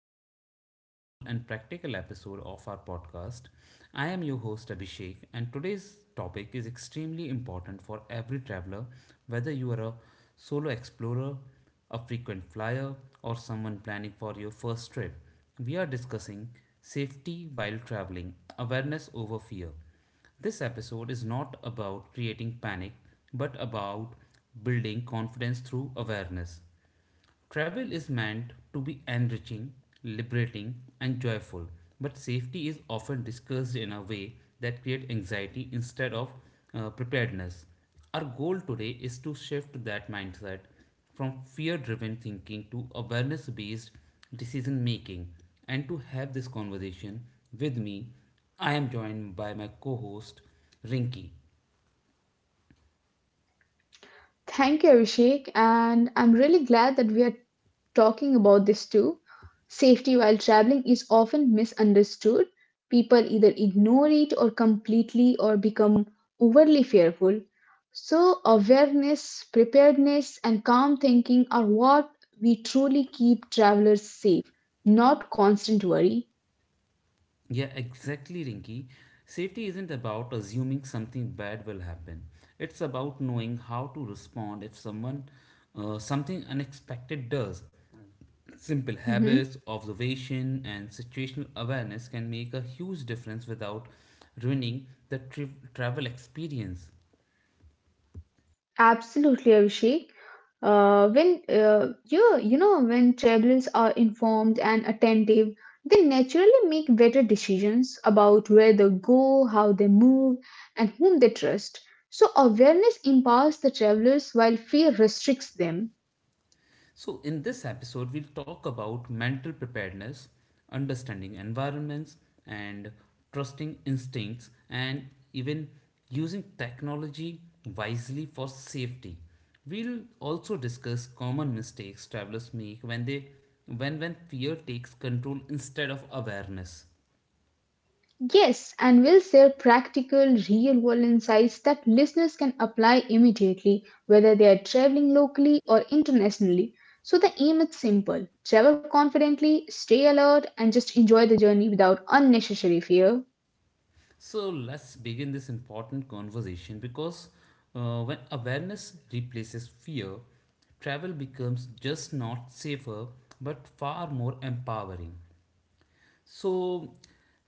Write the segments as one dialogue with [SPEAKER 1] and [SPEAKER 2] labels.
[SPEAKER 1] another meaningful and practical episode of our podcast. I am your host, Abhishek, and today's topic is extremely important for every traveler, whether you are a solo explorer, a frequent flyer, or someone planning for your first trip. We are discussing safety while traveling, awareness over fear. This episode is not about creating panic, but about building confidence through awareness. Travel is meant to be enriching, liberating, and joyful, but safety is often discussed in a way that creates anxiety instead of preparedness. Our goal today is to shift that mindset from fear driven thinking to awareness based decision making. And to have this conversation with me, I am joined by my co host, Rinki.
[SPEAKER 2] Thank you, Abhishek. And I'm really glad that we are talking about this too. Safety while traveling is often misunderstood. People either ignore it or completely or become overly fearful. So, awareness, preparedness, and calm thinking are what we truly keep travelers safe, not constant worry.
[SPEAKER 1] Yeah, exactly, Rinky. Safety isn't about assuming something bad will happen. It's about knowing how to respond if someone something unexpected does. Simple
[SPEAKER 2] Mm-hmm.
[SPEAKER 1] habits, observation, and situational awareness can make a huge difference without ruining the travel experience.
[SPEAKER 2] Absolutely, Abhishek. When you know when travelers are informed and attentive, they naturally make better decisions about where they go, how they move, and whom they trust. So awareness empowers the travelers while fear restricts them.
[SPEAKER 1] So, in this episode, we'll talk about mental preparedness, understanding environments, and trusting instincts, and even using technology wisely for safety. We'll also discuss common mistakes travelers make when they when fear takes control instead of awareness.
[SPEAKER 2] Yes, and we'll share practical, real world insights that listeners can apply immediately, whether they are traveling locally or internationally. So, the aim is simple travel confidently, stay alert, and just enjoy the journey without unnecessary fear.
[SPEAKER 1] So let's begin this important conversation because when awareness replaces fear, travel becomes just not safer but far more empowering. So,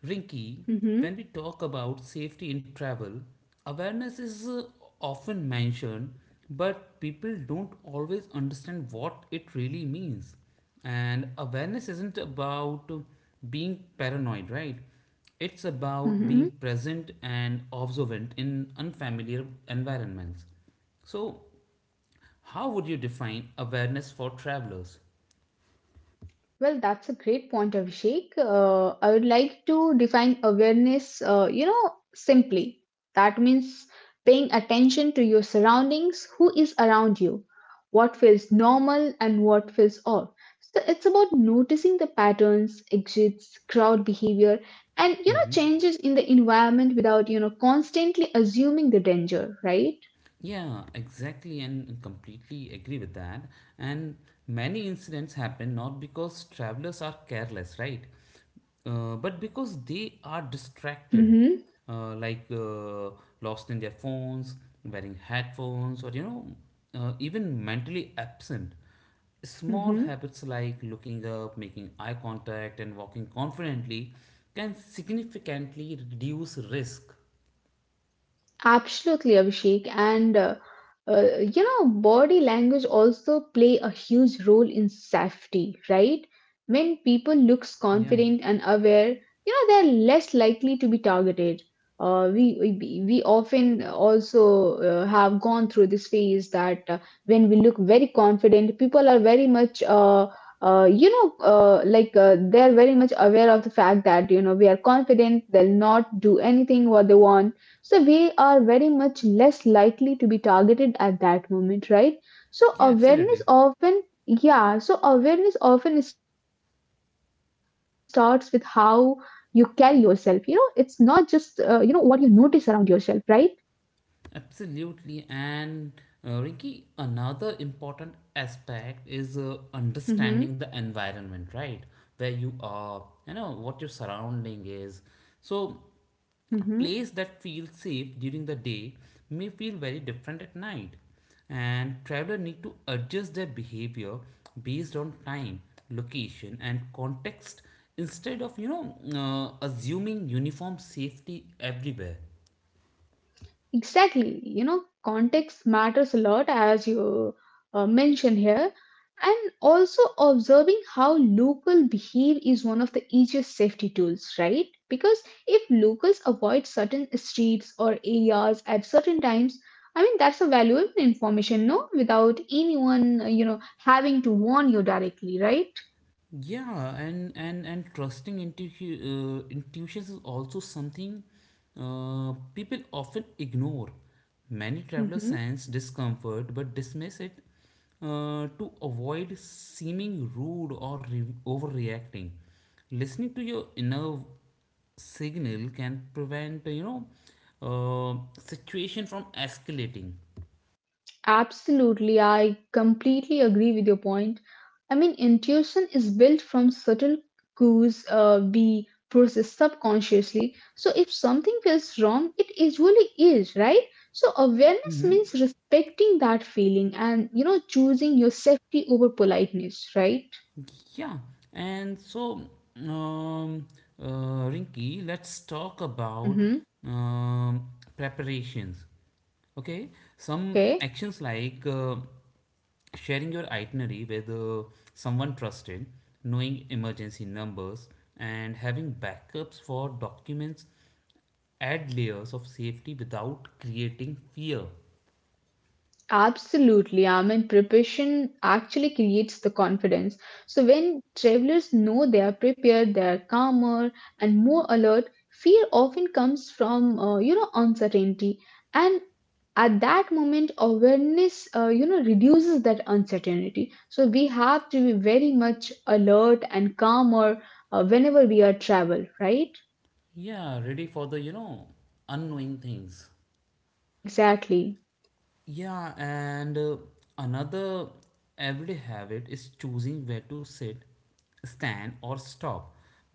[SPEAKER 1] Rinki,
[SPEAKER 2] hmm
[SPEAKER 1] when we talk about safety in travel, awareness is often mentioned, but people don't always understand what it really means. And awareness isn't about being paranoid, right? It's about being
[SPEAKER 2] Mhm.
[SPEAKER 1] present and observant in unfamiliar environments. So, how would you define awareness for travelers?
[SPEAKER 2] Well, that's a great point, Abhishek. I would like to define awareness, simply. That means paying attention to your surroundings, who is around you, what feels normal and what feels off. So it's about noticing the patterns, exits, crowd behavior, and, you know, changes in the environment without, you know, constantly assuming the danger, right?
[SPEAKER 1] Yeah, exactly, and completely agree with that. And many incidents happen not because travelers are careless, right? But because they are distracted,
[SPEAKER 2] Mm-hmm.
[SPEAKER 1] like lost in their phones, wearing headphones, or you know, even mentally absent. Small
[SPEAKER 2] Mm-hmm.
[SPEAKER 1] habits like looking up, making eye contact, and walking confidently can significantly reduce risk.
[SPEAKER 2] Absolutely, Abhishek. And body language also play a huge role in safety, right? When people
[SPEAKER 1] Yeah,
[SPEAKER 2] looks
[SPEAKER 1] yeah,
[SPEAKER 2] confident and aware, you know, they're less likely to be targeted. We often also have gone through this phase that when we look very confident, people are very much they're very much aware of the fact that you know we are confident. They'll not do anything what they want, so we are very much less likely to be targeted at that moment, right? So
[SPEAKER 1] yeah,
[SPEAKER 2] awareness
[SPEAKER 1] absolutely.
[SPEAKER 2] often, yeah, so awareness often starts with how you carry yourself. You know, it's not just, you know, what you notice around yourself, right?
[SPEAKER 1] Absolutely. And Ricky, another important aspect is
[SPEAKER 2] Mm-hmm.
[SPEAKER 1] understanding the environment, right? Where you are, you know, what your surrounding is. So, a
[SPEAKER 2] Mm-hmm.
[SPEAKER 1] place that feels safe during the day may feel very different at night. And travelers need to adjust their behavior based on time, location, and context instead of, you know, assuming uniform safety everywhere.
[SPEAKER 2] Exactly. You know, context matters a lot, as you mentioned here. And also observing how local behave is one of the easiest safety tools, right? Because if locals avoid certain streets or areas at certain times, I mean that's a valuable information, no? Without anyone, you know, having to warn you directly, right?
[SPEAKER 1] Yeah, and and trusting intuitions is also something people often ignore. Many travelers
[SPEAKER 2] Mhm.
[SPEAKER 1] sense discomfort but dismiss it to avoid seeming rude or overreacting. Listening to your inner signal can prevent situation from escalating.
[SPEAKER 2] Absolutely, I completely agree with your point. I mean, intuition is built from subtle cues we process subconsciously. So, if something feels wrong, it usually is, right? So, awareness
[SPEAKER 1] Mm-hmm.
[SPEAKER 2] means respecting that feeling and, you know, choosing your safety over politeness, right?
[SPEAKER 1] Yeah, and so um, Rinky, let's talk about
[SPEAKER 2] Mm-hmm.
[SPEAKER 1] um, preparations. Okay, some
[SPEAKER 2] Okay.
[SPEAKER 1] actions like sharing your itinerary with someone trusted, knowing emergency numbers, and having backups for documents add layers of safety without creating fear.
[SPEAKER 2] Absolutely. I mean, preparation actually creates the confidence. So, when travelers know they are prepared, they are calmer and more alert, fear often comes from, you know, uncertainty. And at that moment, awareness, you know, reduces that uncertainty. So, we have to be very much alert and calmer whenever we are travel, right?
[SPEAKER 1] Yeah, ready for the you know unknowing things.
[SPEAKER 2] Exactly.
[SPEAKER 1] Yeah, and another everyday habit is choosing where to sit, stand, or stop.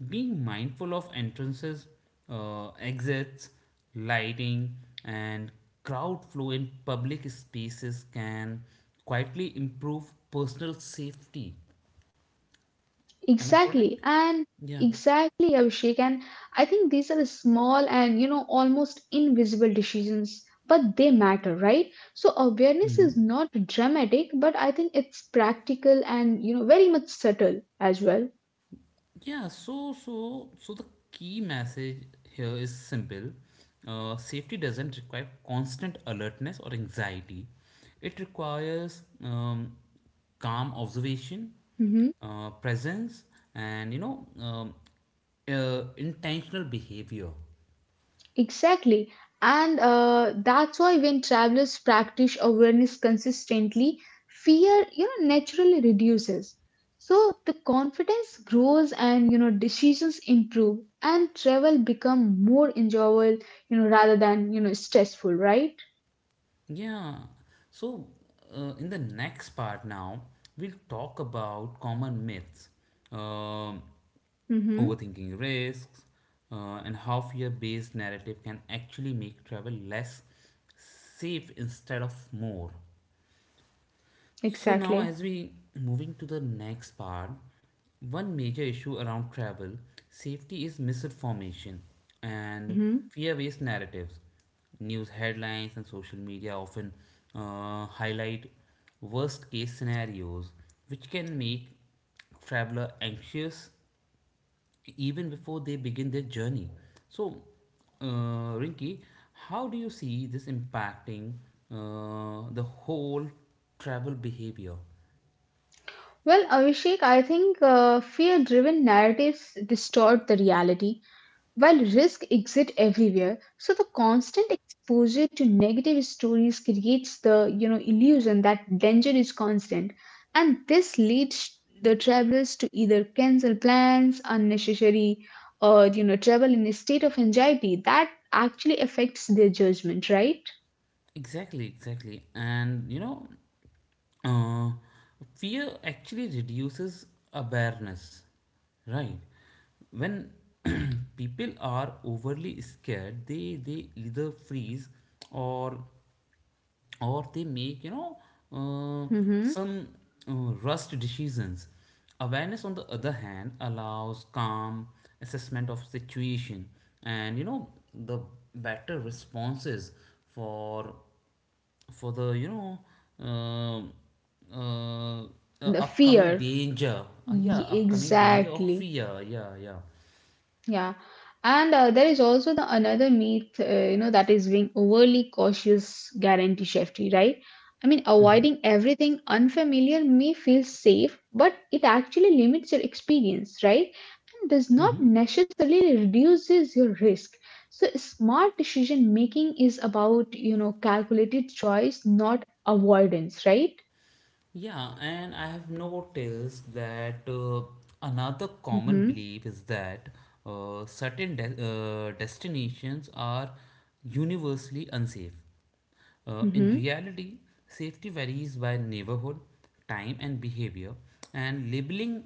[SPEAKER 1] Being mindful of entrances, exits, lighting, and crowd flow in public spaces can quietly improve personal safety. Am I correct?
[SPEAKER 2] Exactly, and
[SPEAKER 1] Yeah.
[SPEAKER 2] exactly, Abhishek. And I think these are small and you know almost invisible decisions, but they matter, right? So awareness is not dramatic, but I think it's practical and you know very much subtle as well.
[SPEAKER 1] Yeah, so the key message here is simple. Safety doesn't require constant alertness or anxiety. It requires calm observation,
[SPEAKER 2] Mm-hmm.
[SPEAKER 1] presence, and you know intentional behavior.
[SPEAKER 2] Exactly. And that's why when travelers practice awareness consistently, fear, you know, naturally reduces. So the confidence grows and, you know, decisions improve and travel become more enjoyable, you know, rather than, you know, stressful, right?
[SPEAKER 1] Yeah. So, in the next part now, we'll talk about common myths, um,
[SPEAKER 2] Mm-hmm.
[SPEAKER 1] overthinking risks, and how fear based narrative can actually make travel less safe instead of more. So now
[SPEAKER 2] Exactly.
[SPEAKER 1] as we moving to the next part, one major issue around travel safety is misinformation and
[SPEAKER 2] Mm-hmm.
[SPEAKER 1] fear-based narratives. News headlines and social media often highlight worst-case scenarios, which can make traveler anxious even before they begin their journey. So, Rinki, how do you see this impacting the whole travel behavior?
[SPEAKER 2] Well, Abhishek, I think fear-driven narratives distort the reality. While risk exists everywhere, so the constant exposure to negative stories creates the you know illusion that danger is constant, and this leads the travelers to either cancel plans unnecessary, or you know travel in a state of anxiety that actually affects their judgment. Right?
[SPEAKER 1] Exactly, exactly. And you know, uh, fear actually reduces awareness, right? When people are overly scared, they either freeze or they make you know uh,
[SPEAKER 2] hmm
[SPEAKER 1] some uh, rushed decisions awareness on the other hand allows calm assessment of situation and you know the better responses for for the you know um uh,
[SPEAKER 2] The
[SPEAKER 1] upcoming
[SPEAKER 2] fear.
[SPEAKER 1] danger upcoming danger of
[SPEAKER 2] Exactly.
[SPEAKER 1] fear yeah yeah.
[SPEAKER 2] Yeah, and there is also the another myth, you know, that is being overly cautious guarantee safety, right? I mean, avoiding everything unfamiliar may feel safe, but it actually limits your experience, right? And does not necessarily reduces your risk. So smart decision making is about, you know, calculated choice, not avoidance, right?
[SPEAKER 1] Yeah, and I have noticed that another common
[SPEAKER 2] Mm-hmm.
[SPEAKER 1] belief is that certain destinations are universally unsafe. In reality, safety varies by neighborhood, time, and behavior, and labeling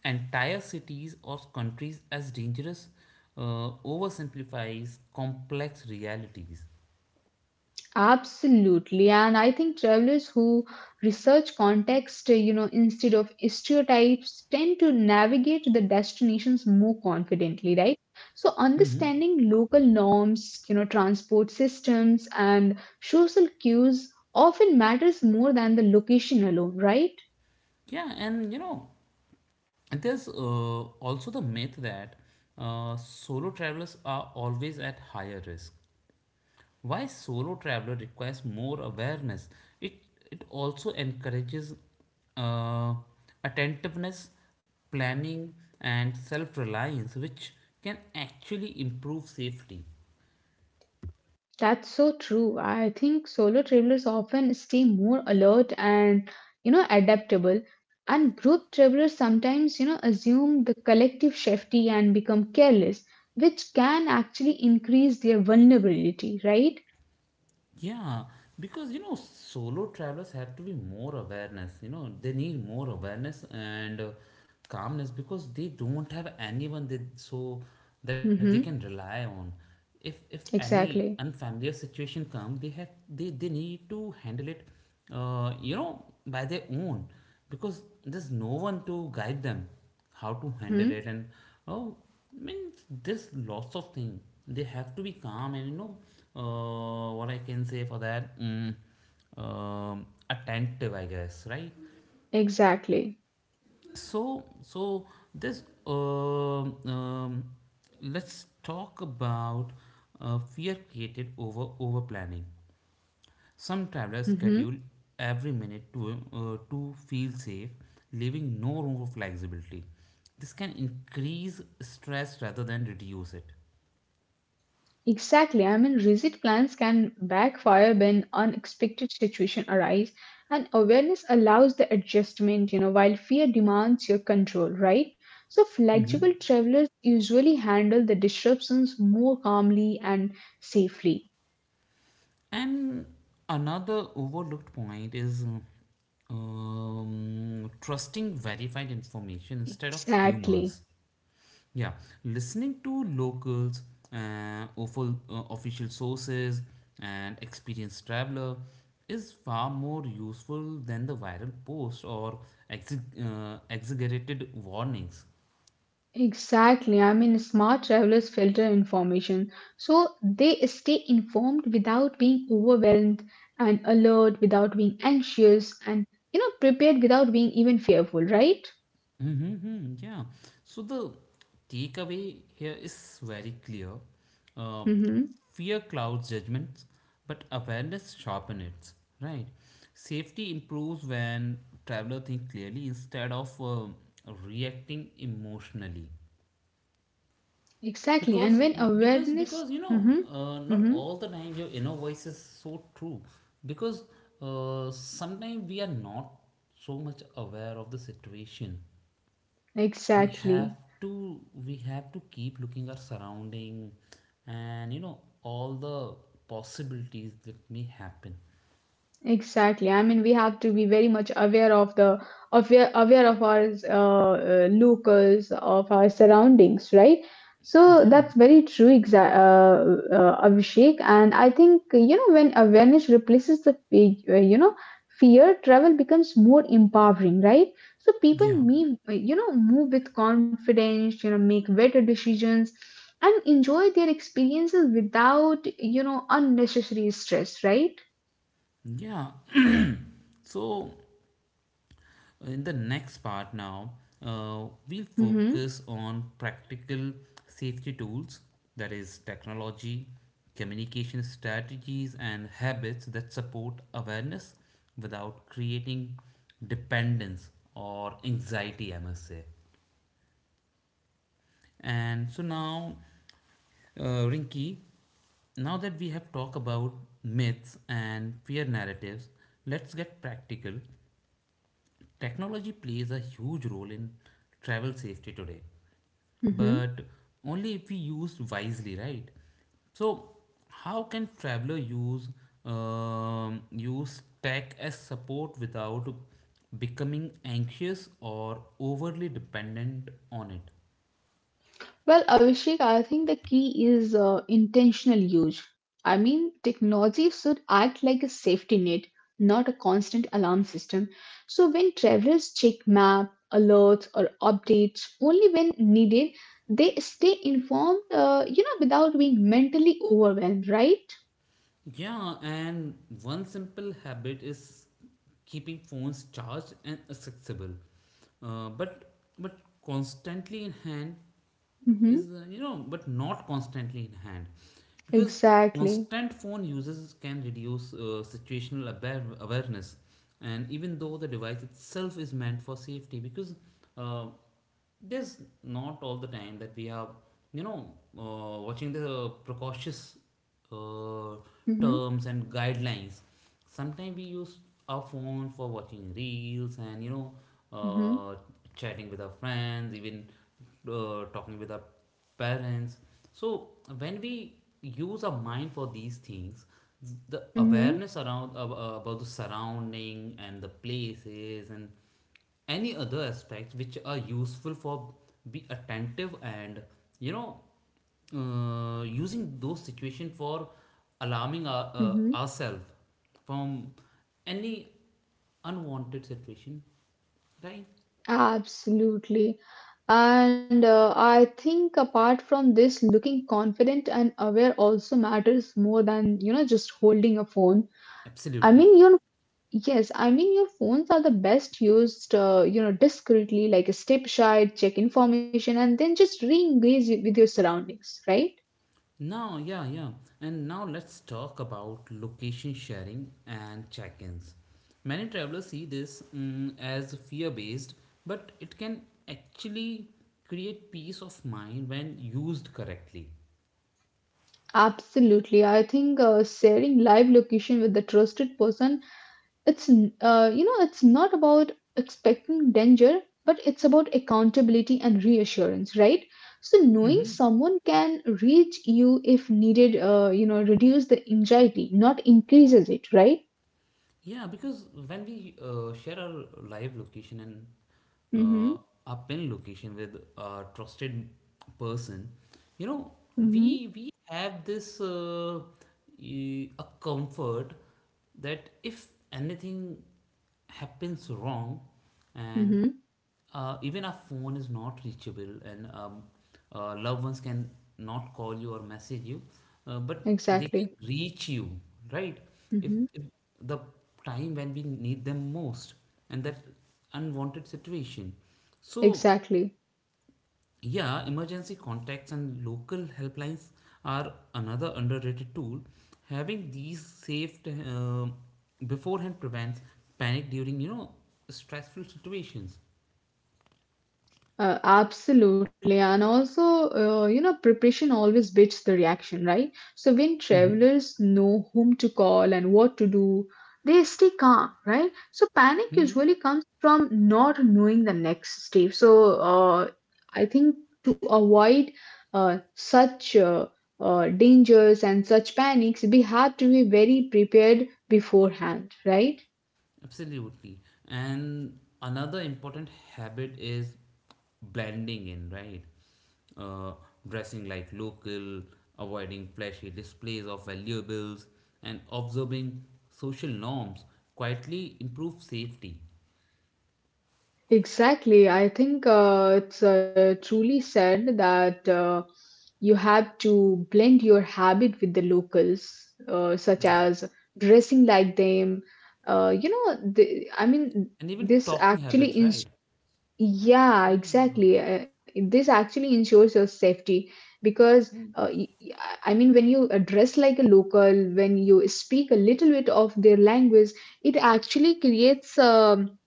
[SPEAKER 1] entire cities or countries as dangerous oversimplifies complex realities.
[SPEAKER 2] Absolutely. And I think travelers who research context, you know, instead of stereotypes, tend to navigate the destinations more confidently, right? So
[SPEAKER 1] Mm-hmm.
[SPEAKER 2] understanding local norms, you know, transport systems and social cues often matters more than the location alone, right?
[SPEAKER 1] Yeah, and you know, and there's also the myth that solo travelers are always at higher risk. Why solo traveler requires more awareness? It it also encourages uh, attentiveness, planning, and self reliance, which can actually improve safety.
[SPEAKER 2] That's so true. I think solo travelers often stay more alert and, you know, adaptable. And group travelers sometimes, you know, assume the collective safety and become careless, which can actually increase their vulnerability, right?
[SPEAKER 1] Yeah, because you know, solo travelers have to be more awareness. You know, they need more awareness and calmness because they don't have anyone that so that they can
[SPEAKER 2] Mm-hmm.
[SPEAKER 1] rely on. If any
[SPEAKER 2] Exactly.
[SPEAKER 1] unfamiliar situation come, they have they need to handle it. You know, by their own because there's no one to guide them how to handle
[SPEAKER 2] Mm-hmm.
[SPEAKER 1] it and oh I mean there's lots of things they have to be calm and you know what I can say for that attentive I guess right
[SPEAKER 2] Exactly.
[SPEAKER 1] so so this let's talk about fear created over planning some travelers
[SPEAKER 2] Mm-hmm.
[SPEAKER 1] schedule every minute to feel safe, leaving no room for flexibility. This can increase stress rather than reduce it.
[SPEAKER 2] Exactly. I mean, rigid plans can backfire when unexpected situations arise, and awareness allows the adjustment, you know, while fear demands your control, right? So,
[SPEAKER 1] Mhm.
[SPEAKER 2] flexible travelers usually handle the disruptions more calmly and safely.
[SPEAKER 1] And another overlooked point is trusting verified information instead of rumors.
[SPEAKER 2] Exactly.
[SPEAKER 1] Yeah, listening to locals official sources and experienced traveler is far more useful than the viral post or exaggerated warnings.
[SPEAKER 2] Exactly. I mean, smart travelers filter information so they stay informed without being overwhelmed and alert without being anxious and, you know, prepared without being even fearful, right?
[SPEAKER 1] Mm-hmm, mm-hmm, yeah. So the takeaway here is very clear. Uh,
[SPEAKER 2] Mm-hmm.
[SPEAKER 1] Fear clouds judgments, but awareness sharpens it. Right. Safety improves when traveler think clearly instead of reacting emotionally.
[SPEAKER 2] Exactly. And
[SPEAKER 1] Because
[SPEAKER 2] when
[SPEAKER 1] because
[SPEAKER 2] awareness,
[SPEAKER 1] because you know
[SPEAKER 2] mm-hmm.
[SPEAKER 1] not
[SPEAKER 2] Mm-hmm.
[SPEAKER 1] all the time your inner voice is so true. Because sometimes we are not so much aware of the situation we have
[SPEAKER 2] Exactly.
[SPEAKER 1] to we have to keep looking our surrounding and you know all the possibilities that may happen
[SPEAKER 2] Exactly. I mean, we have to be very much aware of the aware of our locals, of our surroundings, right? So
[SPEAKER 1] yeah
[SPEAKER 2] that's very true, Abhishek. And I think you know when awareness replaces the fear, travel becomes more empowering, right? So people
[SPEAKER 1] yeah
[SPEAKER 2] may you know move with confidence, you know, make better decisions, and enjoy their experiences without you know unnecessary stress, right?
[SPEAKER 1] yeah so in the next part now we'll
[SPEAKER 2] Mm-hmm.
[SPEAKER 1] focus on practical safety tools that is technology communication strategies and habits that support awareness without creating dependence or anxiety I must say. And so now, Rinki, now that we have talked about myths and fear narratives, let's get practical. Technology plays a huge role in travel safety today,
[SPEAKER 2] Mhm.
[SPEAKER 1] but only if we use wisely, right? So, how can traveler use use tech as support without becoming anxious or overly dependent on it?
[SPEAKER 2] Well, Abhishek, I think the key is intentional use. I mean, technology should act like a safety net, not a constant alarm system. So when travelers check map, alerts, or updates only when needed, they stay informed, you know, without being mentally overwhelmed, right?
[SPEAKER 1] Yeah, and one simple habit is keeping phones charged and accessible, uh, but but constantly in hand
[SPEAKER 2] Mm-hmm.
[SPEAKER 1] is you know but not constantly in hand, because
[SPEAKER 2] Exactly.
[SPEAKER 1] constant phone uses can reduce situational awareness, and even though the device itself is meant for safety, because uh, there's not all the time that we are you know watching the precautious uh,
[SPEAKER 2] Mm-hmm.
[SPEAKER 1] terms and guidelines sometimes we use our phone for watching reels and you know
[SPEAKER 2] Mm-hmm.
[SPEAKER 1] uh, chatting with our friends even talking with our parents so when we use our mind for these things the
[SPEAKER 2] Mm-hmm.
[SPEAKER 1] awareness around about the surrounding and the places and any other aspects which are useful for be attentive and you know using those situation for alarming our,
[SPEAKER 2] Mm-hmm.
[SPEAKER 1] ourselves from any unwanted situation right
[SPEAKER 2] Absolutely. And I think apart from this, looking confident and aware also matters more than, you know, just holding a phone. I
[SPEAKER 1] absolutely.
[SPEAKER 2] mean, your yes, I mean your phones are the best used, you know, discreetly, like step aside, check information, and then just re-engage with your surroundings, right?
[SPEAKER 1] Now, yeah, yeah. And now let's talk about location sharing and check ins. Many travelers see this as fear based, but it can actually create peace of mind when used correctly.
[SPEAKER 2] Absolutely. I think sharing live location with a trusted person, you know it's not about expecting danger but it's about accountability and reassurance, right? So knowing
[SPEAKER 1] Mhm.
[SPEAKER 2] someone can reach you if needed you know reduce the anxiety not increases it, right?
[SPEAKER 1] Yeah, because when we share our live location and
[SPEAKER 2] Mm-hmm.
[SPEAKER 1] uh, our pin location with a trusted person, you know,
[SPEAKER 2] Mm-hmm.
[SPEAKER 1] we have this a comfort that if anything happens wrong, and
[SPEAKER 2] Mm-hmm.
[SPEAKER 1] even our phone is not reachable and loved ones can not call you or message you but they can
[SPEAKER 2] Exactly.
[SPEAKER 1] reach you right
[SPEAKER 2] Mm-hmm.
[SPEAKER 1] if the time when we need them most and that unwanted situation so
[SPEAKER 2] Exactly.
[SPEAKER 1] yeah emergency contacts and local helplines are another underrated tool having these saved beforehand prevents panic during you know stressful situations
[SPEAKER 2] Absolutely, and also, you know, preparation always beats the reaction, right? So when
[SPEAKER 1] hmm.
[SPEAKER 2] travelers know whom to call and what to do, they stay calm, right? So panic usually comes from not knowing the next step. So I think to avoid such dangers and such panics, we have to be very prepared beforehand, right?
[SPEAKER 1] Absolutely. And another important habit is blending in, right? Uh, Dressing like local, avoiding flashy displays of valuables, and observing social norms quietly improve safety.
[SPEAKER 2] Exactly. I think it's truly said that you have to blend your habit with the locals, such
[SPEAKER 1] Yeah.
[SPEAKER 2] as dressing like them. You know, the, I mean,
[SPEAKER 1] And even
[SPEAKER 2] this
[SPEAKER 1] talking
[SPEAKER 2] actually
[SPEAKER 1] habits,
[SPEAKER 2] ins
[SPEAKER 1] right?
[SPEAKER 2] yeah,
[SPEAKER 1] Yeah.
[SPEAKER 2] exactly. This actually ensures your safety because uh, y- y- I mean, when you dress like a local, when you speak a little bit of their language, it actually creates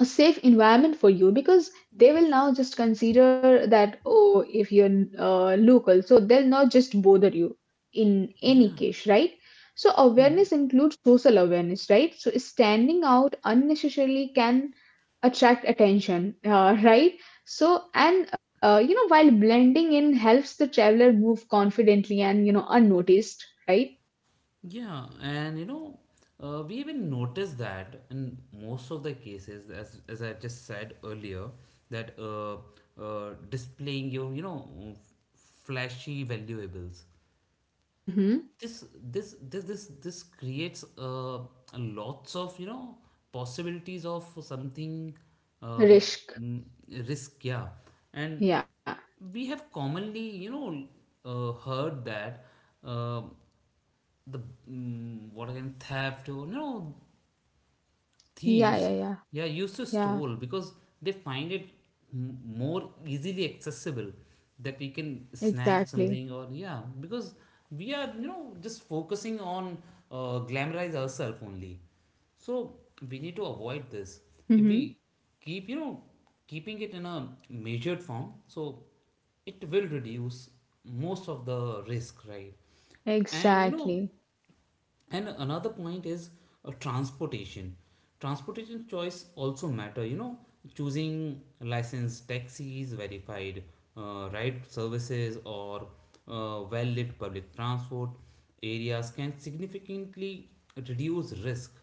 [SPEAKER 2] a safe environment for you because they will now just consider that oh if you're local so they'll not just bother you in any
[SPEAKER 1] Yeah.
[SPEAKER 2] case, right? So awareness includes social awareness, right? So standing out unnecessarily can attract attention, right? So and you know while blending in helps the traveler move confidently and you know unnoticed, right?
[SPEAKER 1] Yeah, and you know, we even notice that in most of the cases, as I just said earlier, that displaying your f- flashy valuables
[SPEAKER 2] Mm-hmm.
[SPEAKER 1] this this creates lots of possibilities of something um,
[SPEAKER 2] Risk.
[SPEAKER 1] mm, risk, yeah. And
[SPEAKER 2] yeah
[SPEAKER 1] we have commonly, you know, heard that um the what again theft or, you know,
[SPEAKER 2] yeah
[SPEAKER 1] thieves,
[SPEAKER 2] yeah yeah
[SPEAKER 1] yeah, used to
[SPEAKER 2] yeah
[SPEAKER 1] stole because they find it more easily accessible, that we can snatch
[SPEAKER 2] Exactly.
[SPEAKER 1] something. Or yeah, because we are, you know, just focusing on glamorize ourselves only. So we need to avoid this. If we
[SPEAKER 2] Mm-hmm.
[SPEAKER 1] keep keeping it in a measured form, so it will reduce most of the risk, right? And you know,
[SPEAKER 2] Exactly.
[SPEAKER 1] and another point is transportation. Transportation choice also matter, you know, choosing licensed taxis, verified ride services, or well lit public transport areas can significantly
[SPEAKER 2] hmm
[SPEAKER 1] reduce risk.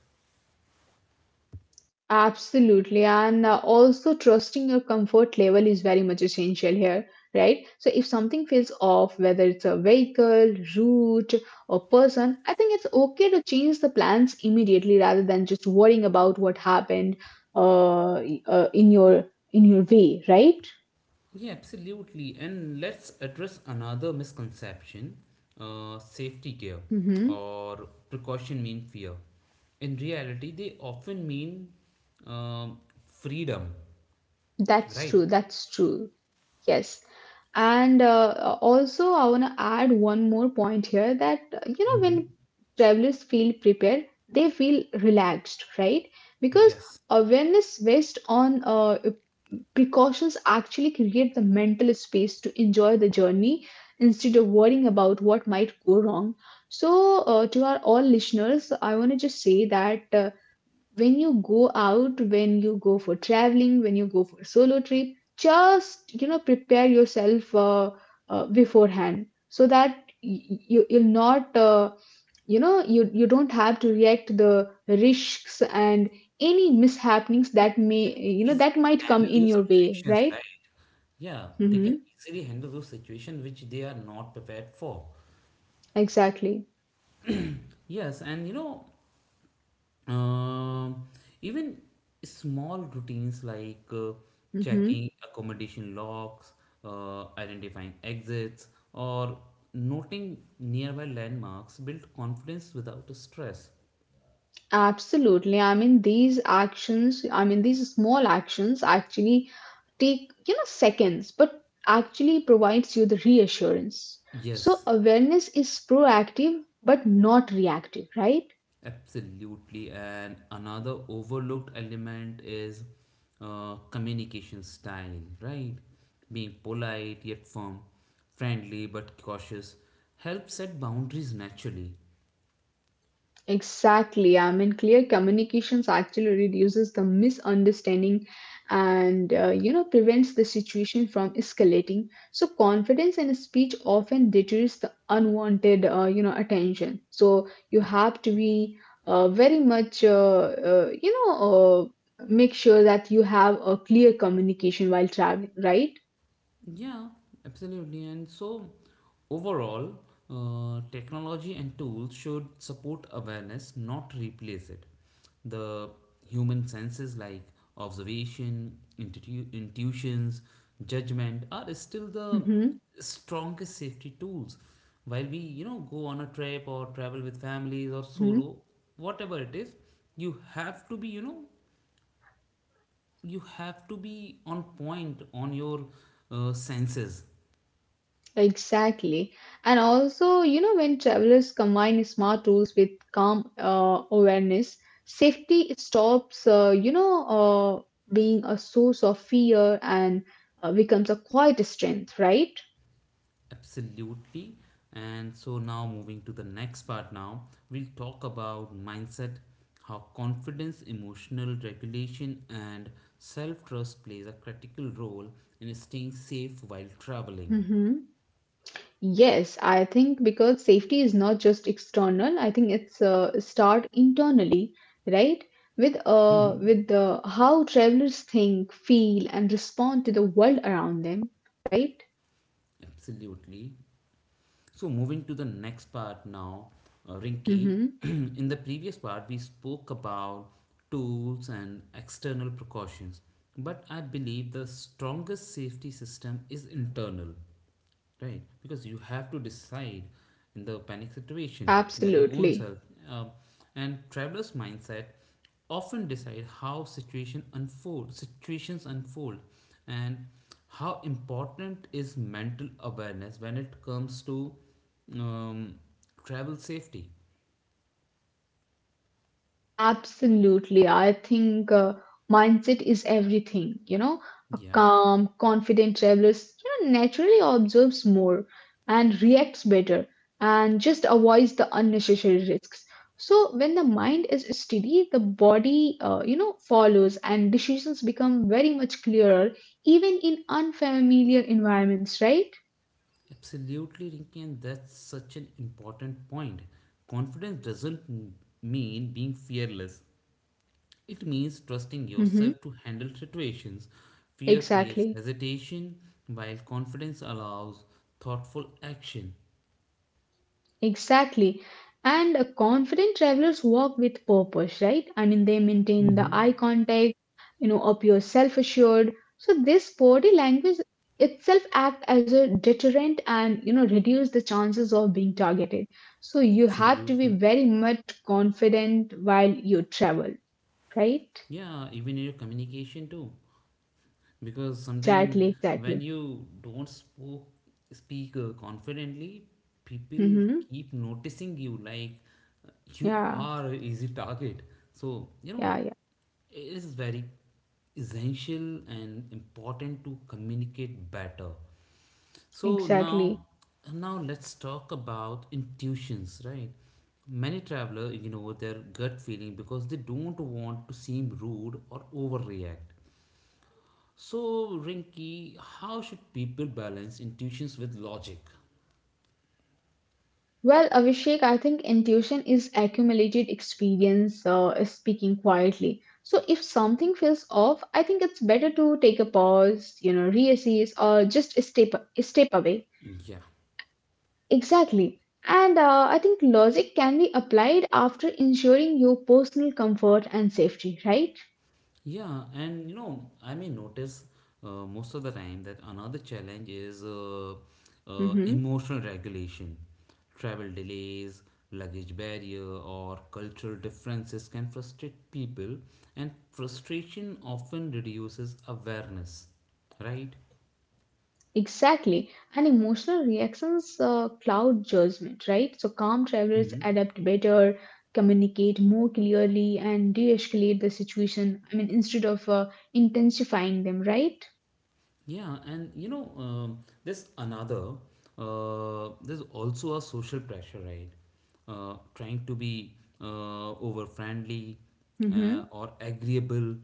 [SPEAKER 2] Absolutely. And also, trusting your comfort level is very much essential here, right? So, if something feels off, whether it's a vehicle, route, or person, I think it's okay to change the plans immediately rather than just worrying about what happened in your way, right?
[SPEAKER 1] Yeah, absolutely. And let's address another misconception, safety gear
[SPEAKER 2] hmm
[SPEAKER 1] or precaution mean fear. In reality, they often mean um, freedom,
[SPEAKER 2] That's
[SPEAKER 1] right?
[SPEAKER 2] true. That's true. Yes. And also, I want to add one more point here that, you know,
[SPEAKER 1] Mm-hmm.
[SPEAKER 2] when travelers feel prepared, they feel relaxed, right? Because
[SPEAKER 1] Yes.
[SPEAKER 2] awareness based on precautions actually create the mental space to enjoy the journey instead of worrying about what might go wrong. So, to our all listeners, I want to just say that. When you go out when you go for traveling when you go for a solo trip, just you know prepare yourself beforehand so that you you'll not you know you you don't have to react to the risks and any mishappenings
[SPEAKER 1] Yeah,
[SPEAKER 2] that
[SPEAKER 1] you can
[SPEAKER 2] may you know
[SPEAKER 1] easily
[SPEAKER 2] that might come
[SPEAKER 1] handle
[SPEAKER 2] in
[SPEAKER 1] those
[SPEAKER 2] your way,
[SPEAKER 1] situations,
[SPEAKER 2] right?
[SPEAKER 1] right? Yeah, they can
[SPEAKER 2] Mm-hmm.
[SPEAKER 1] easily handle those situations which they are not prepared for.
[SPEAKER 2] Exactly.
[SPEAKER 1] Yes, and you know, Um, even small routines like checking accommodation locks, identifying exits, or noting nearby landmarks build confidence without stress.
[SPEAKER 2] Absolutely. These small actions actually take, you know, seconds, but actually provides you the reassurance. So
[SPEAKER 1] Yes,
[SPEAKER 2] awareness is proactive, but not reactive, right?
[SPEAKER 1] absolutely. And another overlooked element is communication style, right? Being polite yet firm, friendly but cautious helps set boundaries naturally.
[SPEAKER 2] Exactly. I mean, clear communications actually reduces the misunderstanding and, you know, prevents the situation from escalating. So, confidence in a speech often deters the unwanted, you know, attention. So, you have to be very much, uh, you know, uh, make sure that you have a clear communication while traveling, right?
[SPEAKER 1] Yeah, absolutely. And so, overall, technology and tools should support awareness, not replace it. The human senses like observation, intuitions, judgment are still the
[SPEAKER 2] Mm-hmm.
[SPEAKER 1] strongest safety tools. While we, you know, go on a trip or travel with families or
[SPEAKER 2] Mm-hmm.
[SPEAKER 1] solo, whatever it is, you have to be, you know, you have to be on point on your senses.
[SPEAKER 2] Exactly. And also, you know, when travelers combine smart tools with calm awareness, safety stops, being a source of fear and becomes a quiet strength, right?
[SPEAKER 1] Absolutely. And so now, moving to the next part now, we'll talk about mindset, how confidence, emotional regulation, and self-trust plays a critical role in staying safe while traveling.
[SPEAKER 2] Mm-hmm. Yes, I think because safety is not just external, I think it's start internally, right? With uh,
[SPEAKER 1] Hmm.
[SPEAKER 2] with the how travelers think, feel, and respond to the world around them, right?
[SPEAKER 1] Absolutely. So, moving to the next part now, Rinky.
[SPEAKER 2] Mm-hmm.
[SPEAKER 1] In the previous part, we spoke about tools and external precautions, but I believe the strongest safety system is internal. Right, because you have to decide in the panic situation by your own
[SPEAKER 2] Absolutely.
[SPEAKER 1] self. Um, and traveler's mindset often decide how situation unfold, situations unfold, and how important is mental awareness when it comes to um, travel safety.
[SPEAKER 2] Absolutely. I think mindset is everything. You know, a
[SPEAKER 1] Yeah,
[SPEAKER 2] calm, confident traveler, you know, naturally observes more and reacts better and just avoids the unnecessary risks. So when the mind is steady, the body, follows and decisions become very much clearer, even in unfamiliar environments, right?
[SPEAKER 1] absolutely, Rinki, and that's such an important point. Confidence doesn't mean being fearless. It means trusting
[SPEAKER 2] Mm-hmm.
[SPEAKER 1] yourself to handle situations. Fear creates
[SPEAKER 2] Exactly.
[SPEAKER 1] hesitation, while confidence allows thoughtful action.
[SPEAKER 2] Exactly. And confident travelers walk with purpose, right? I mean, they maintain the
[SPEAKER 1] Mm-hmm.
[SPEAKER 2] eye contact, you know, appear self assured. So, this body language itself act as a deterrent and, you know, reduce the chances of being targeted. So, you have to be
[SPEAKER 1] Absolutely.
[SPEAKER 2] very much confident while you travel, right?
[SPEAKER 1] Yeah, even in your communication too. Because sometimes
[SPEAKER 2] Exactly,
[SPEAKER 1] when
[SPEAKER 2] exactly.
[SPEAKER 1] you don't spoke, speak confidently, people
[SPEAKER 2] Mm-hmm.
[SPEAKER 1] keep noticing you like you
[SPEAKER 2] Yeah,
[SPEAKER 1] are a easy target. So, you know,
[SPEAKER 2] yeah, yeah,
[SPEAKER 1] it is very essential and important to communicate better. So
[SPEAKER 2] exactly.
[SPEAKER 1] now, now let's talk about intuitions, right? Many travelers ignore their gut feeling because they don't want to seem rude or overreact. So, Rinky, how should people balance intuitions with logic?
[SPEAKER 2] Well, Abhishek, I think intuition is accumulated experience speaking quietly. So if something feels off, I think it's better to take a pause, you know, reassess, or just step away.
[SPEAKER 1] Yeah.
[SPEAKER 2] Exactly. And I think logic can be applied after ensuring your personal comfort and safety, right?
[SPEAKER 1] Yeah, and you know, I may notice most of the time that another challenge is
[SPEAKER 2] Mm-hmm.
[SPEAKER 1] emotional regulation. Travel delays, luggage barrier, or cultural differences can frustrate people, and frustration often reduces awareness, right?
[SPEAKER 2] Exactly. And emotional reactions cloud judgment, right? So calm travelers
[SPEAKER 1] Mm-hmm.
[SPEAKER 2] adapt better, communicate more clearly, and de escalate the situation. I mean, instead of intensifying them, right?
[SPEAKER 1] Yeah, and you know, there's there's also a social pressure, right? Trying to be over friendly
[SPEAKER 2] Mm-hmm.
[SPEAKER 1] or agreeable,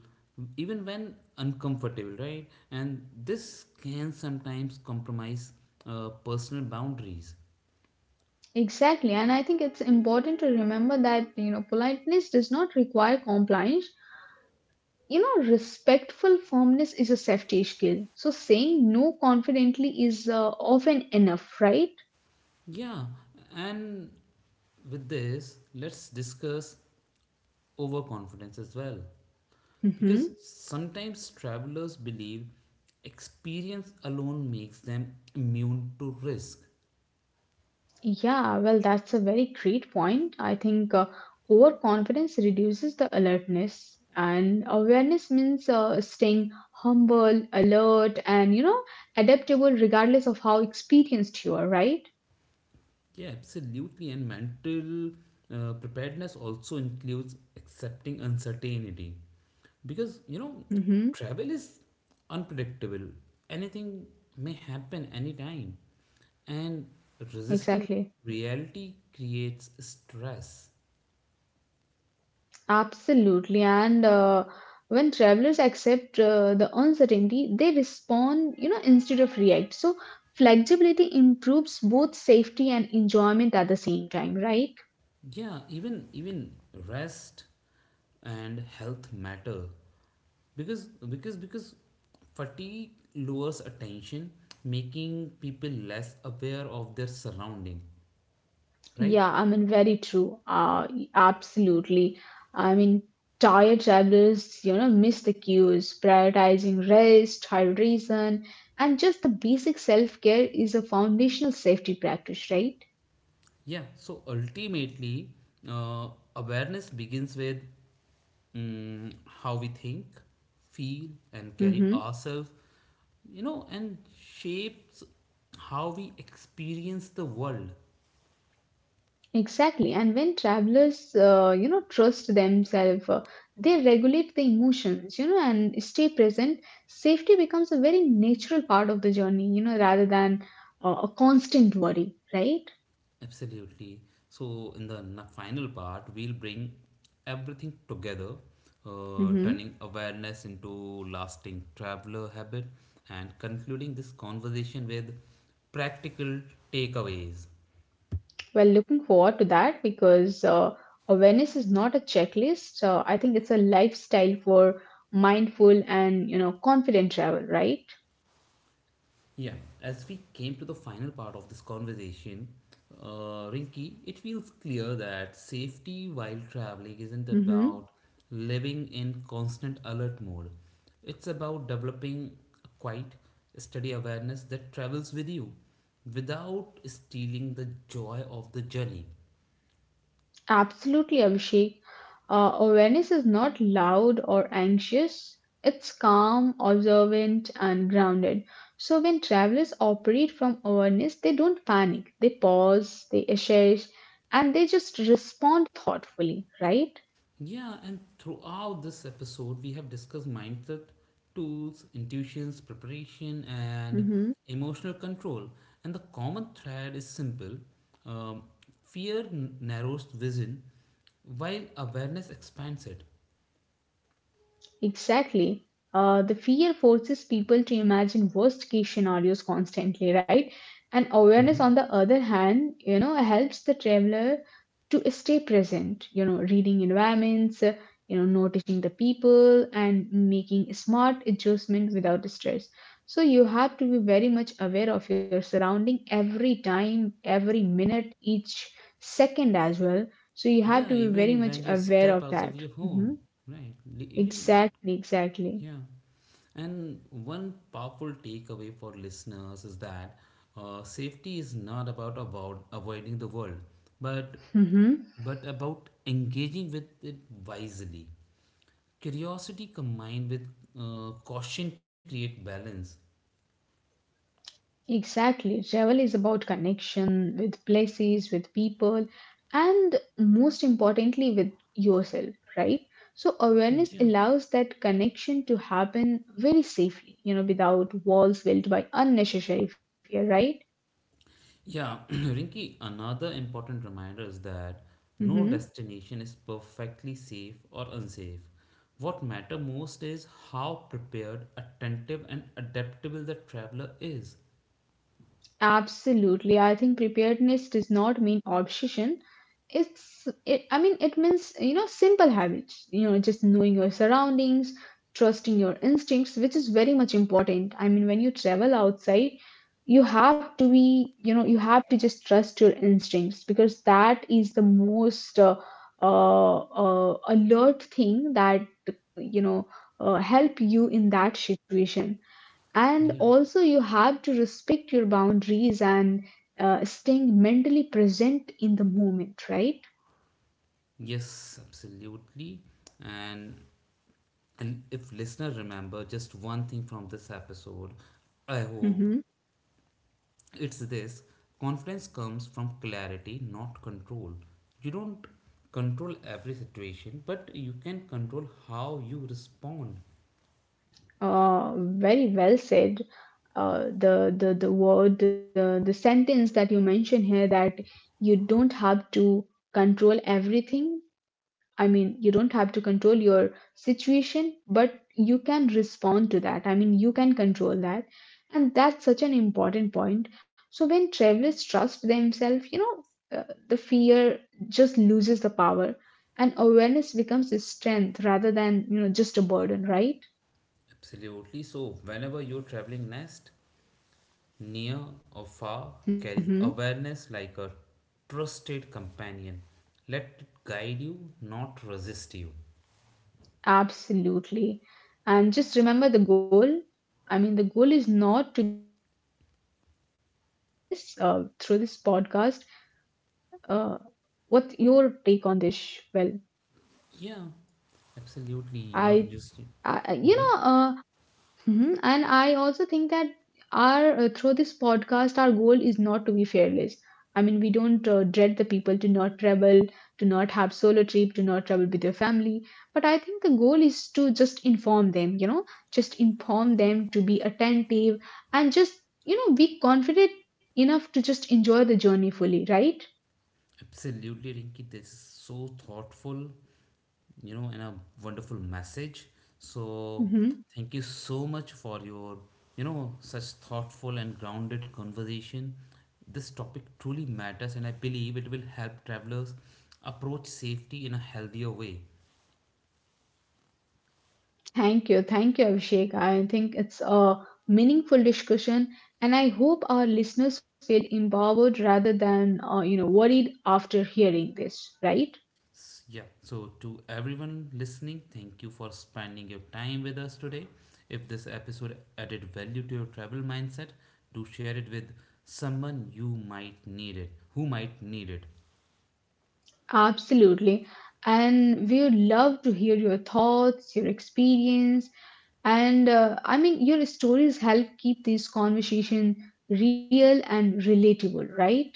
[SPEAKER 1] even when uncomfortable, right? And this can sometimes compromise personal boundaries.
[SPEAKER 2] Exactly. And I think it's important to remember that, you know, politeness does not require compliance. You know, respectful firmness is a safety skill. So saying no confidently is often enough, right?
[SPEAKER 1] Yeah, and with this, let's discuss overconfidence as well. Because
[SPEAKER 2] Mm-hmm.
[SPEAKER 1] sometimes travelers believe experience alone makes them immune to risk.
[SPEAKER 2] Yeah, well, that's a very great point. I think overconfidence reduces the alertness, and awareness means staying humble, alert, and you know, adaptable regardless of how experienced you are, right?
[SPEAKER 1] Yeah, absolutely. And mental preparedness also includes accepting uncertainty. Because, you know,
[SPEAKER 2] Mm-hmm,
[SPEAKER 1] travel is unpredictable, anything may happen anytime. And resisting
[SPEAKER 2] exactly.
[SPEAKER 1] reality creates stress.
[SPEAKER 2] Absolutely. And when travelers accept the uncertainty, they respond, you know, instead of react. So flexibility improves both safety and enjoyment at the same time, right?
[SPEAKER 1] Yeah, even rest and health matter because fatigue lowers attention, making people less aware of their surrounding, right?
[SPEAKER 2] Yeah, I mean, very true. Absolutely. I mean, tired travelers, you know, miss the cues, prioritizing rest, hydration, and just the basic self-care is a foundational safety practice, right?
[SPEAKER 1] Yeah, so ultimately, uh, awareness begins with how we think, feel, and carry
[SPEAKER 2] Mm-hmm.
[SPEAKER 1] ourselves, you know, and shapes how we experience the world.
[SPEAKER 2] Exactly. And when travelers, you know, trust themselves, they regulate the emotions, you know, and stay present. Safety becomes a very natural part of the journey, you know, rather than a constant worry, right?
[SPEAKER 1] Absolutely. So, in the final part, we'll bring everything together,
[SPEAKER 2] Mm-hmm.
[SPEAKER 1] turning awareness into lasting traveler habit and concluding this conversation with practical takeaways.
[SPEAKER 2] Well, looking forward to that because awareness is not a checklist. I think it's a lifestyle for mindful and you know confident travel, right?
[SPEAKER 1] Yeah, as we came to the final part of this conversation, Rinky, it feels clear that safety while traveling isn't
[SPEAKER 2] Hmm.
[SPEAKER 1] about living in constant alert mode. It's about developing a quiet, steady awareness that travels with you without stealing the joy of the journey.
[SPEAKER 2] Absolutely, Abhishek. Awareness is not loud or anxious. It's calm, observant, and grounded. So when travelers operate from awareness, they don't panic. They pause, they assess, and they just respond thoughtfully, right?
[SPEAKER 1] Yeah, and throughout this episode, we have discussed mindset, tools, intuitions, preparation, and
[SPEAKER 2] Mhm.
[SPEAKER 1] emotional control. And the common thread is simple, um, fear narrows vision, while awareness expands it.
[SPEAKER 2] Exactly. The fear forces people to imagine worst case scenarios constantly, right? And
[SPEAKER 1] Hmm.
[SPEAKER 2] awareness, on the other hand, you know, helps the traveler to stay present, you know, reading environments, noticing the people and making smart adjustment without stress. So you have to be very much aware of your surrounding every time, every minute, each second as well. So you have
[SPEAKER 1] Yeah,
[SPEAKER 2] to be very
[SPEAKER 1] even
[SPEAKER 2] much
[SPEAKER 1] when you
[SPEAKER 2] aware
[SPEAKER 1] step
[SPEAKER 2] of
[SPEAKER 1] out of
[SPEAKER 2] that.
[SPEAKER 1] your home,
[SPEAKER 2] Mhm.
[SPEAKER 1] right? Even,
[SPEAKER 2] Exactly, exactly.
[SPEAKER 1] yeah. And one powerful takeaway for listeners is that safety is not about avoiding the world, but
[SPEAKER 2] Mm-hmm.
[SPEAKER 1] but about engaging with it wisely. Curiosity combined with caution create balance.
[SPEAKER 2] Exactly. Travel is about connection with places, with people, and most importantly, with yourself, right? So, awareness
[SPEAKER 1] Yeah,
[SPEAKER 2] allows that connection to happen very safely, you know, without walls built by unnecessary fear, right?
[SPEAKER 1] yeah, Rinky. Another important reminder is that no
[SPEAKER 2] Mm-hmm.
[SPEAKER 1] destination is perfectly safe or unsafe. What matter most is how prepared, attentive, and adaptable the traveler is.
[SPEAKER 2] Absolutely. I think preparedness does not mean obsession. I mean, it means, you know, simple habits, you know, just knowing your surroundings, trusting your instincts, which is very much important. I mean, when you travel outside, you have to be, you know, you have to just trust your instincts because that is the most uh, alert thing that, you know, help you in that situation and
[SPEAKER 1] Yeah.
[SPEAKER 2] also you have to respect your boundaries and staying mentally present in the moment, right?
[SPEAKER 1] Yes, absolutely. And and if listener remember just one thing from this episode, I hope
[SPEAKER 2] Hmm.
[SPEAKER 1] it's this, confidence comes from clarity, not control. You don't control every situation, but you can control how you respond.
[SPEAKER 2] Very well said. The word, the sentence that you mentioned here, that you don't have to control everything. I mean, you don't have to control your situation, but you can respond to that. I mean, you can control that. And that's such an important point. So when travelers trust themselves, you know, the fear just loses the power and awareness becomes a strength rather than, you know, just a burden, right?
[SPEAKER 1] Absolutely. So, whenever you're traveling next, near or far, carries
[SPEAKER 2] Hmm.
[SPEAKER 1] awareness like a trusted companion. Let it guide you, not resist you.
[SPEAKER 2] Absolutely. And just remember the goal. I mean, the goal is not to be fearless through this podcast. Uh, What's your take on this? Well,
[SPEAKER 1] Yeah,
[SPEAKER 2] I,
[SPEAKER 1] absolutely.
[SPEAKER 2] I
[SPEAKER 1] You
[SPEAKER 2] you
[SPEAKER 1] have
[SPEAKER 2] know,
[SPEAKER 1] just. Mhm.
[SPEAKER 2] mhm, and I also think that our through this podcast, our goal is not to be fearless. I mean, we don't dread the people to not travel, to not have solo trip, to not travel with your family. But I think the goal is to just inform them, you know, just inform them to be attentive and just you know be confident enough to just enjoy the journey fully, right?
[SPEAKER 1] Absolutely, Rinki. This is so thoughtful, you know, and a wonderful message. So,
[SPEAKER 2] Mm-hmm.
[SPEAKER 1] thank you so much for your, you know, such thoughtful and grounded conversation. This topic truly matters, and I believe it will help travelers approach safety in a healthier way.
[SPEAKER 2] Thank you. Thank you, Abhishek. I think it's a meaningful discussion, and I hope our listeners feel empowered rather than, you know, worried after hearing this, right?
[SPEAKER 1] Yeah, so to everyone listening, thank you for spending your time with us today. If this episode added value to your travel mindset, do share it with someone you might need it, who might need it.
[SPEAKER 2] Absolutely. And we would love to hear your thoughts, your experience, and I mean, your stories help keep this conversation real and relatable, right?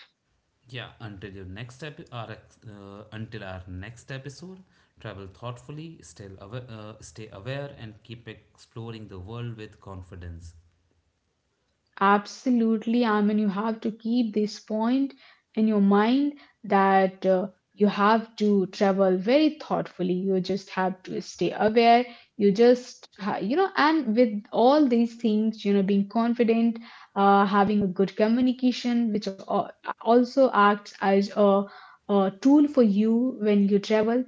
[SPEAKER 1] Yeah, until your next epi- our ex- until our next episode, travel thoughtfully, stay aware, and keep exploring the world with confidence.
[SPEAKER 2] Absolutely, I mean, you have to keep this point in your mind that you have to travel very thoughtfully. You just have to stay aware. You know, and with all these things, you know, being confident, having a good communication, which also acts as a tool for you when you travel.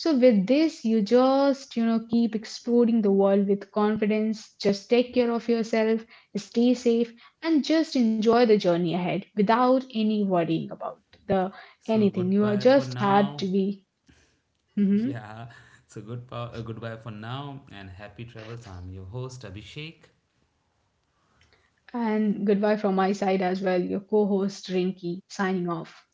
[SPEAKER 2] So, with this, you just, you know, keep exploring the world with confidence. Just take care of yourself, stay safe and just enjoy the journey ahead without any worrying about the
[SPEAKER 1] So
[SPEAKER 2] anything you are
[SPEAKER 1] goodbye for
[SPEAKER 2] just have to
[SPEAKER 1] now.
[SPEAKER 2] be. Mhm.
[SPEAKER 1] Yeah, so goodbye for now, and happy travels. I'm your host Abhishek.
[SPEAKER 2] And goodbye from my side as well, your co-host Rinky signing off.